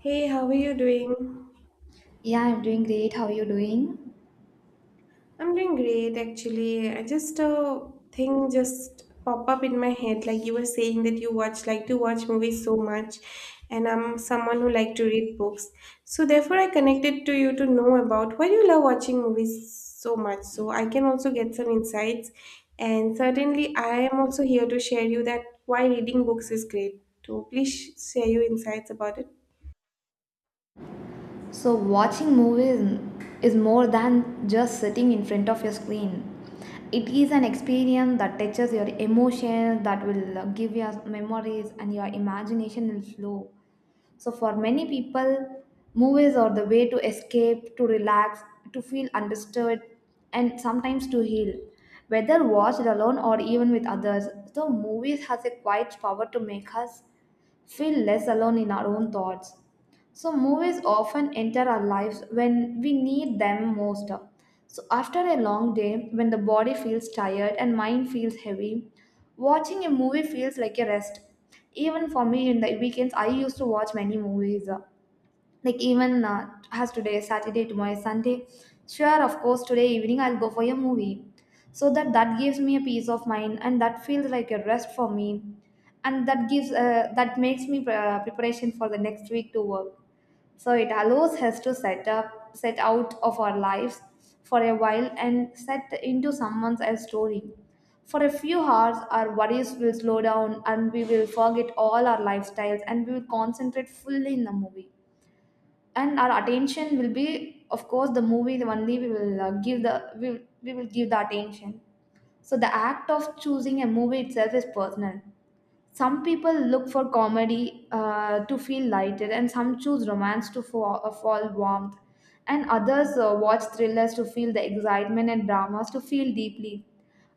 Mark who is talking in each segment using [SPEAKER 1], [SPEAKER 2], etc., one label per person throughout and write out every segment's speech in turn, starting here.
[SPEAKER 1] Hey, how are you doing?
[SPEAKER 2] Yeah, I'm doing great. How are you doing?
[SPEAKER 1] I'm doing great actually. I just thing just pop up in my head like you were saying that you watch like to watch movies so much and I'm someone who like to read books. So therefore I connected to you to know about why you love watching movies so much. So I can also get some insights and certainly I am also here to share you that why reading books is great. So please share your insights about it.
[SPEAKER 2] So, watching movies is more than just sitting in front of your screen. It is an experience that touches your emotions, that will give your memories, and your imagination will flow. So, for many people, movies are the way to escape, to relax, to feel understood, and sometimes to heal. Whether watched alone or even with others, the movies has a quiet power to make us feel less alone in our own thoughts. So, movies often enter our lives when we need them most. So, after a long day, when the body feels tired and mind feels heavy, watching a movie feels like a rest. Even for me, in the weekends, I used to watch many movies like even as today saturday, tomorrow is sunday, sure, of course today evening I'll go for a movie, so that gives me a peace of mind and that feels like a rest for me, and that gives that makes me preparation for the next week to work. So it allows us to set out of our lives for a while and set into someone else's story. For a few hours our worries will slow down and we will forget all our lifestyles and we will concentrate fully in the movie, and our attention will be of course the movie, the only we will give the we will give the attention. So the act of choosing a movie itself is personal. Some people look for comedy to feel lighter, and some choose romance to fall, fall warmth, and others watch thrillers to feel the excitement and dramas to feel deeply.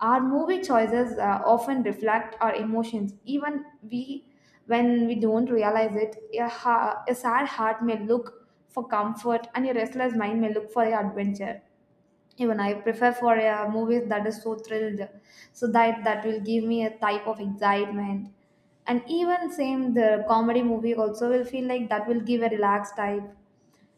[SPEAKER 2] Our movie choices often reflect our emotions, even we when we don't realize it. A sad heart may look for comfort and a restless mind may look for adventure. Even I prefer for a movies that is so thrilled, so that will give me a type of excitement, and even same the comedy movie also will feel like that will give a relaxed type.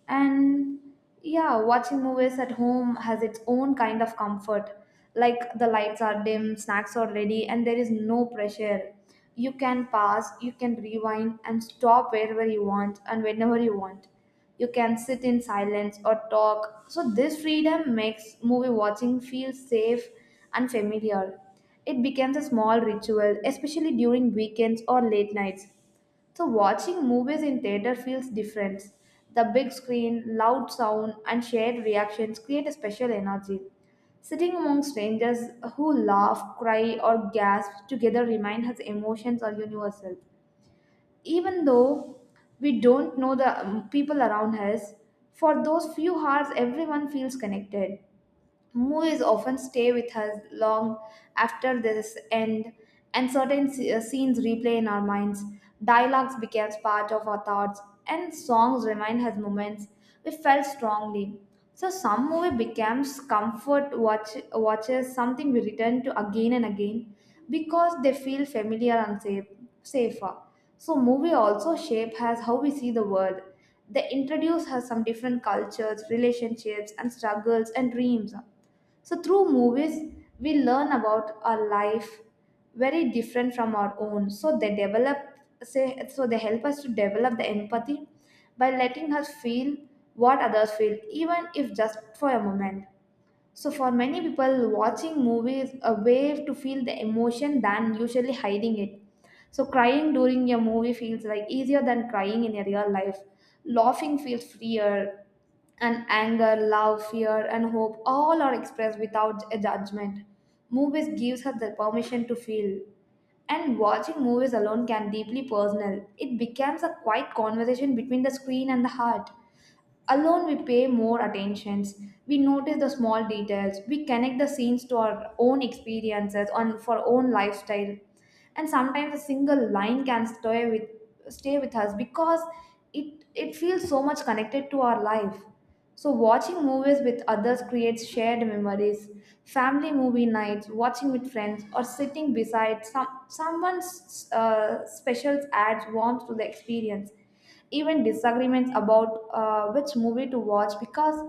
[SPEAKER 2] And yeah, watching movies at home has its own kind of comfort. Like, the lights are dim, snacks are ready, and there is no pressure. You can pause, you can rewind and stop wherever you want and whenever you want. You can sit in silence or talk. So this freedom makes movie watching feel safe and familiar. It becomes a small ritual, especially during weekends or late nights. So watching movies in theater feels different. The big screen, loud sound, and shared reactions create a special energy. Sitting among strangers who laugh, cry, or gasp together reminds us emotions are universal. Even though we don't know the people around us, for those few hours everyone feels connected. Movies often stay with us long after this end, and certain scenes replay in our minds. Dialogues became part of our thoughts, and songs remind us moments we felt strongly. So some movie becomes comfort watches something we return to again and again because they feel familiar and safer. So movie also shape has how we see the world. They introduce us some different cultures, relationships and struggles and dreams. So, through movies, we learn about a life very different from our own. So, they help us to develop the empathy by letting us feel what others feel, even if just for a moment. So for many people, watching movies a way to feel the emotion than usually hiding it. So crying during a movie feels like easier than crying in a real life. Laughing feels freer, and anger, love, fear, and hope all are expressed without a judgment. Movies gives us the permission to feel. And watching movies alone can deeply personal. It becomes a quiet conversation between the screen and the heart. Alone, we pay more attentions. We notice the small details. We connect the scenes to our own experiences on for our own lifestyle. And sometimes a single line can stay with us because it feels so much connected to our life. So watching movies with others creates shared memories. Family movie nights, watching with friends, or sitting beside someone's specials adds warmth to the experience. Even disagreements about which movie to watch because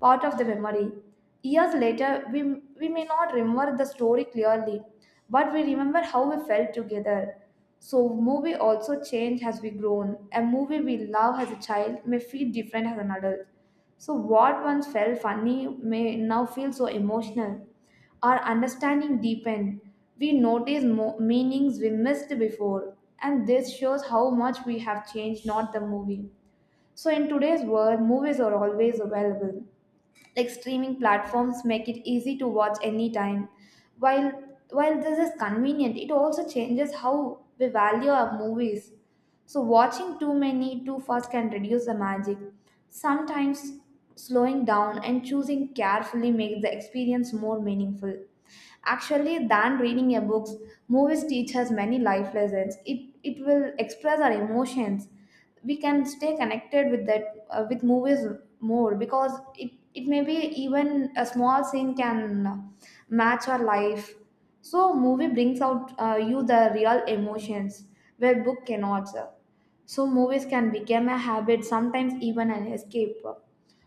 [SPEAKER 2] part of the memory. Years later, we may not remember the story clearly, but we remember how we felt together. So, movie also change as we grown. A movie we love as a child may feel different as an adult. So, what once felt funny may now feel so emotional. Our understanding deepen. We notice meanings we missed before, and this shows how much we have changed, not the movie. So, in today's world, movies are always available. Like, streaming platforms make it easy to watch anytime. While while this is convenient, it also changes how we value our movies. So, watching too many too fast can reduce the magic. Sometimes, slowing down and choosing carefully makes the experience more meaningful. Actually, than reading a books, movies teach us many life lessons. It will express our emotions. We can stay connected with that with movies more because it may be even a small scene can match our life. So, movie brings out you the real emotions where book cannot. So movies can become a habit, sometimes even an escape.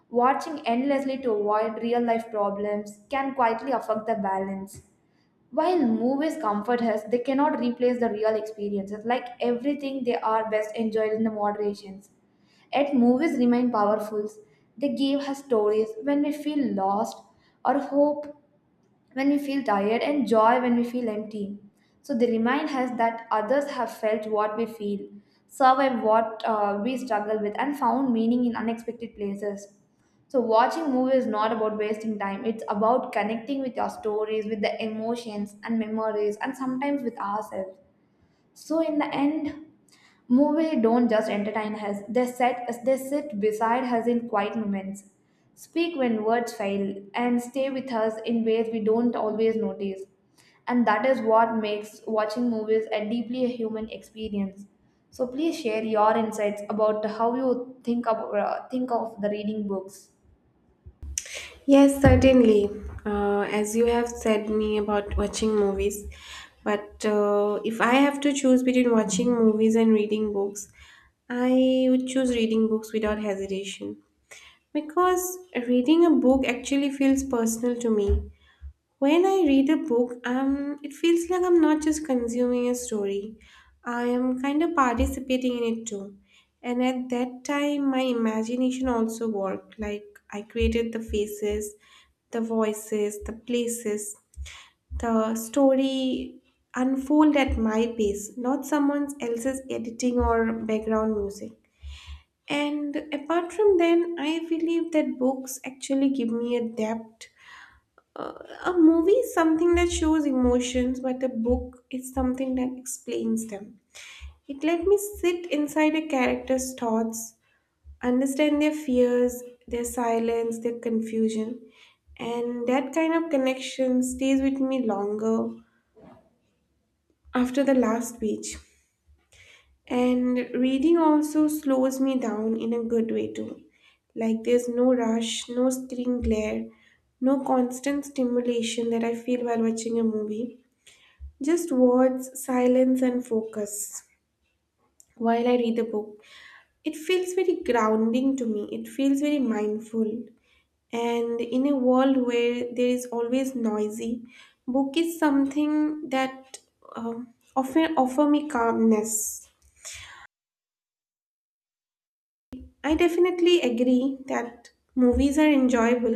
[SPEAKER 2] Watching endlessly to avoid real life problems can quietly affect the balance. While movies comfort us, they cannot replace the real experiences. Like everything, they are best enjoyed in the moderations. Yet movies remain powerful. They give us stories when we feel lost, or hope when we feel tired, and joy when we feel empty. So they remind us that others have felt what we feel, survived what we struggle with, and found meaning in unexpected places. So watching movie is not about wasting time. It's about connecting with your stories, with the emotions and memories, and sometimes with ourselves. So in the end, movies don't just entertain us, they sit beside us in quiet moments, speak when words fail, and stay with us in ways we don't always notice. And that is what makes watching movies a deeply human experience. So please share your insights about how you think of the reading books.
[SPEAKER 1] Yes, certainly. As you have said me about watching movies, but if I have to choose between watching movies and reading books, I would choose reading books without hesitation because reading a book actually feels personal to me. When I read a book, it feels like I'm not just consuming a story. I am kind of participating in it too. And at that time, my imagination also worked. Like I created the faces, the voices, the places. The story unfold at my pace, not someone else's editing or background music. And apart from then, I believe that books actually give me a depth, uh, a movie is something that shows emotions, but a book is something that explains them. It let me sit inside a character's thoughts, understand their fears, their silence, their confusion, and that kind of connection stays with me longer after the last page. And reading also slows me down in a good way too. Like there's no rush, no screen glare, no constant stimulation that I feel while watching a movie. Just words, silence, and focus while I read the book. It feels very grounding to me, it feels very mindful. And in a world where there is always noisy, book is something that often offer me calmness. I definitely agree that movies are enjoyable.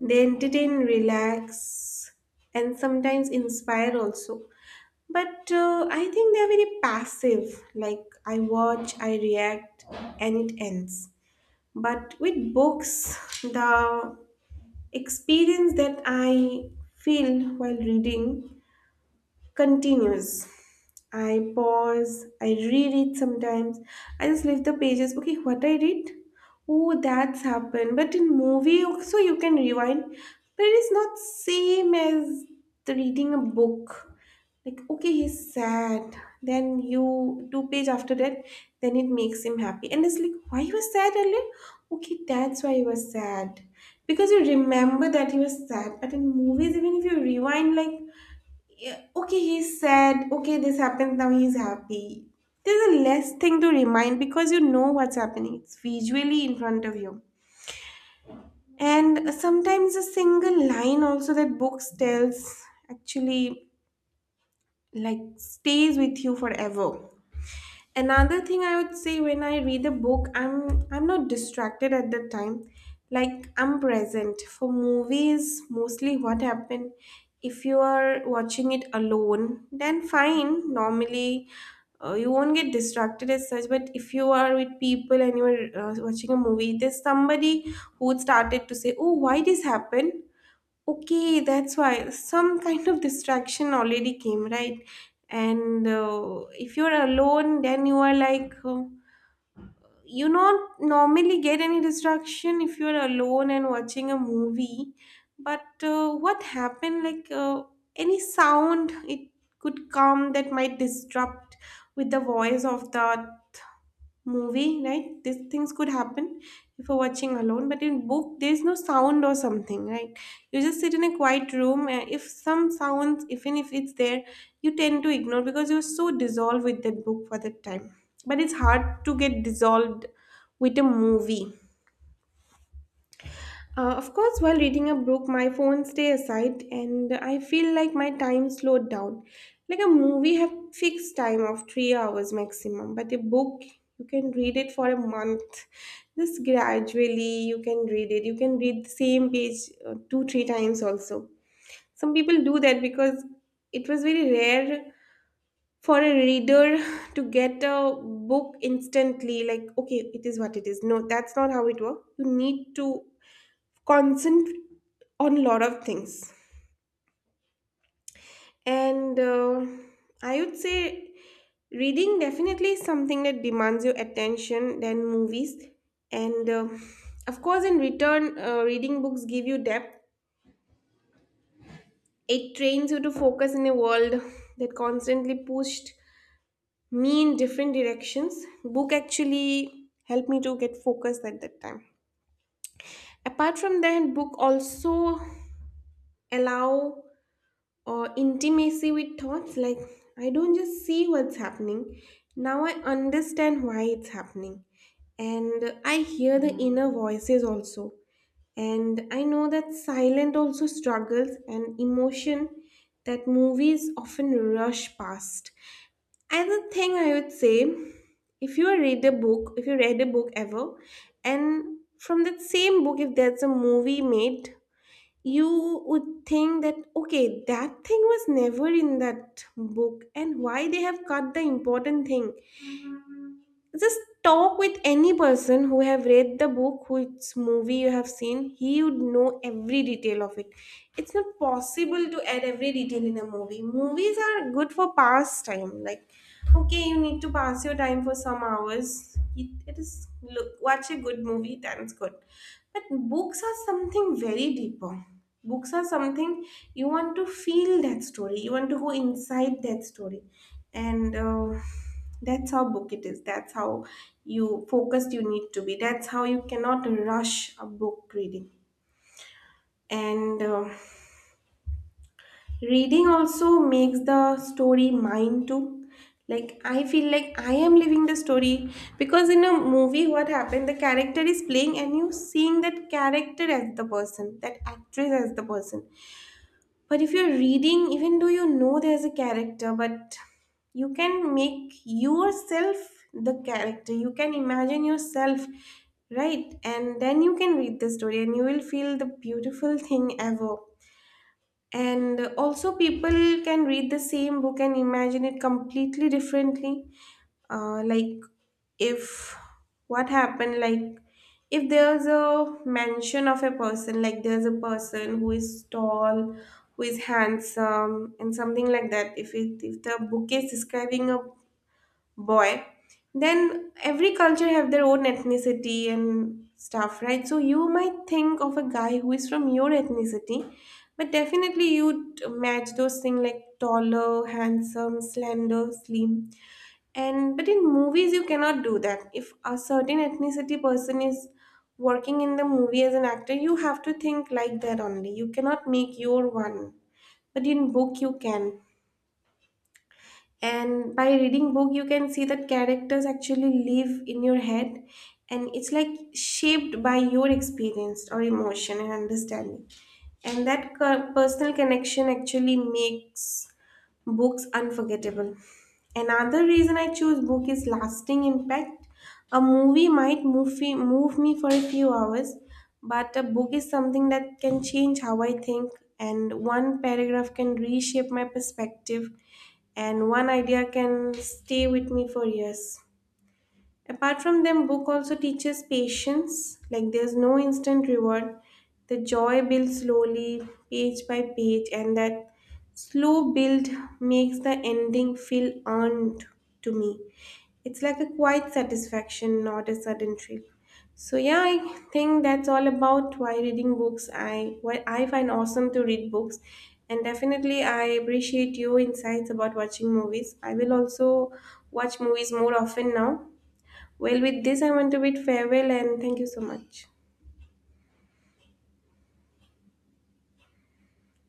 [SPEAKER 1] They entertain, relax, and sometimes inspire also. But I think they're very passive. Like, I watch, I react, and it ends. But with books, the experience that I feel while reading continues. I pause, I reread sometimes. I just leave the pages. Okay, what I read? Oh, that's happened. But in movie, so you can rewind. But it is not same as the reading a book. Like, okay, he's sad. Then you two page after that, then it makes him happy. And it's like, why you were sad earlier? Okay, that's why you was sad. Because you remember that he was sad. But in movies, even if you rewind like yeah, okay, he's sad. Okay, this happened. Now he's happy. There's a less thing to remind because you know what's happening. It's visually in front of you. And sometimes a single line also that books tells actually like stays with you forever. Another thing I would say when I read a book, I'm not distracted at the time. Like I'm present. For movies, mostly what happened if you are watching it alone, then fine. Normally you won't get distracted as such, but if you are with people and you're watching a movie, there's somebody who started to say, oh, why this happened? Okay, that's why some kind of distraction already came, right? And if you're alone, then you are like, you not normally get any distraction if you're alone and watching a movie. But what happened like, any sound it could come that might disrupt with the voice of the movie, right? These things could happen if you're watching alone, but in book there's no sound or something, right? You just sit in a quiet room and if some sounds even if it's there, you tend to ignore because you're so dissolved with that book for that time. But it's hard to get dissolved with a movie. Of course, while reading a book, my phone stays aside and I feel like my time slowed down. Like a movie have fixed time of 3 hours maximum, but a book you can read it for a month. Just gradually you can read it. You can read the same page two, three times also. Some people do that because it was very rare for a reader to get a book instantly like okay it is what it is, no, that's not how it works, you need to consent on a lot of things. And I would say reading definitely is something that demands your attention than movies. And of course, in return, reading books give you depth. It trains you to focus in a world that constantly pushed me in different directions. Book actually helped me to get focused at that time. Apart from that, book also allow or intimacy with thoughts. Like I don't just see what's happening, now I understand why it's happening, and I hear the inner voices also, and I know that silent also struggles and emotion that movies often rush past. Another thing I would say, if you read a book, if you read a book ever, and from that same book if there's a movie made, you would think that, okay, that thing was never in that book and why they have cut the important thing. Just talk with any person who have read the book whose movie you have seen, he would know every detail of it. It's not possible to add every detail in a movie. Movies are good for past time, like, okay, you need to pass your time for some hours, it is look watch a good movie. That's good. But books are something very deeper. Books are something you want to feel that story, you want to go inside that story. And that's how book it is. That's how you focused you need to be. That's how you cannot rush a book reading. And reading also makes the story mine too. Like I feel like I am living the story, because in a movie, what happened? The character is playing, and you seeing that character as the person, that actress as the person. But if you're reading, even though you know there's a character, but you can make yourself the character, you can imagine yourself, right? And then you can read the story and you will feel the beautiful thing ever. And also people can read the same book and imagine it completely differently, like, if what happened like if there's a mention of a person, like there's a person who is tall, who is handsome and something like that, if it if the book is describing a boy, then every culture have their own ethnicity and stuff, right? So you might think of a guy who is from your ethnicity, but definitely you'd match those things like taller, handsome, slender, slim. And but in movies you cannot do that. If a certain ethnicity person is working in the movie as an actor, you have to think like that only, you cannot make your one. But in book you can. And by reading book you can see that characters actually live in your head, and it's like shaped by your experience or emotion and understanding. And that personal connection actually makes books unforgettable. Another reason I choose book is lasting impact. A movie might move me for a few hours, but a book is something that can change how I think. And one paragraph can reshape my perspective, and one idea can stay with me for years. Apart from them, book also teaches patience. Like there's no instant reward. The joy builds slowly, page by page, and that slow build makes the ending feel earned to me. It's like a quiet satisfaction, not a sudden thrill. So yeah, I think that's all about why reading books. I what I find awesome to read books, and definitely I appreciate your insights about watching movies. I will also watch movies more often now. Well, with this, I want to bid farewell and thank you so much.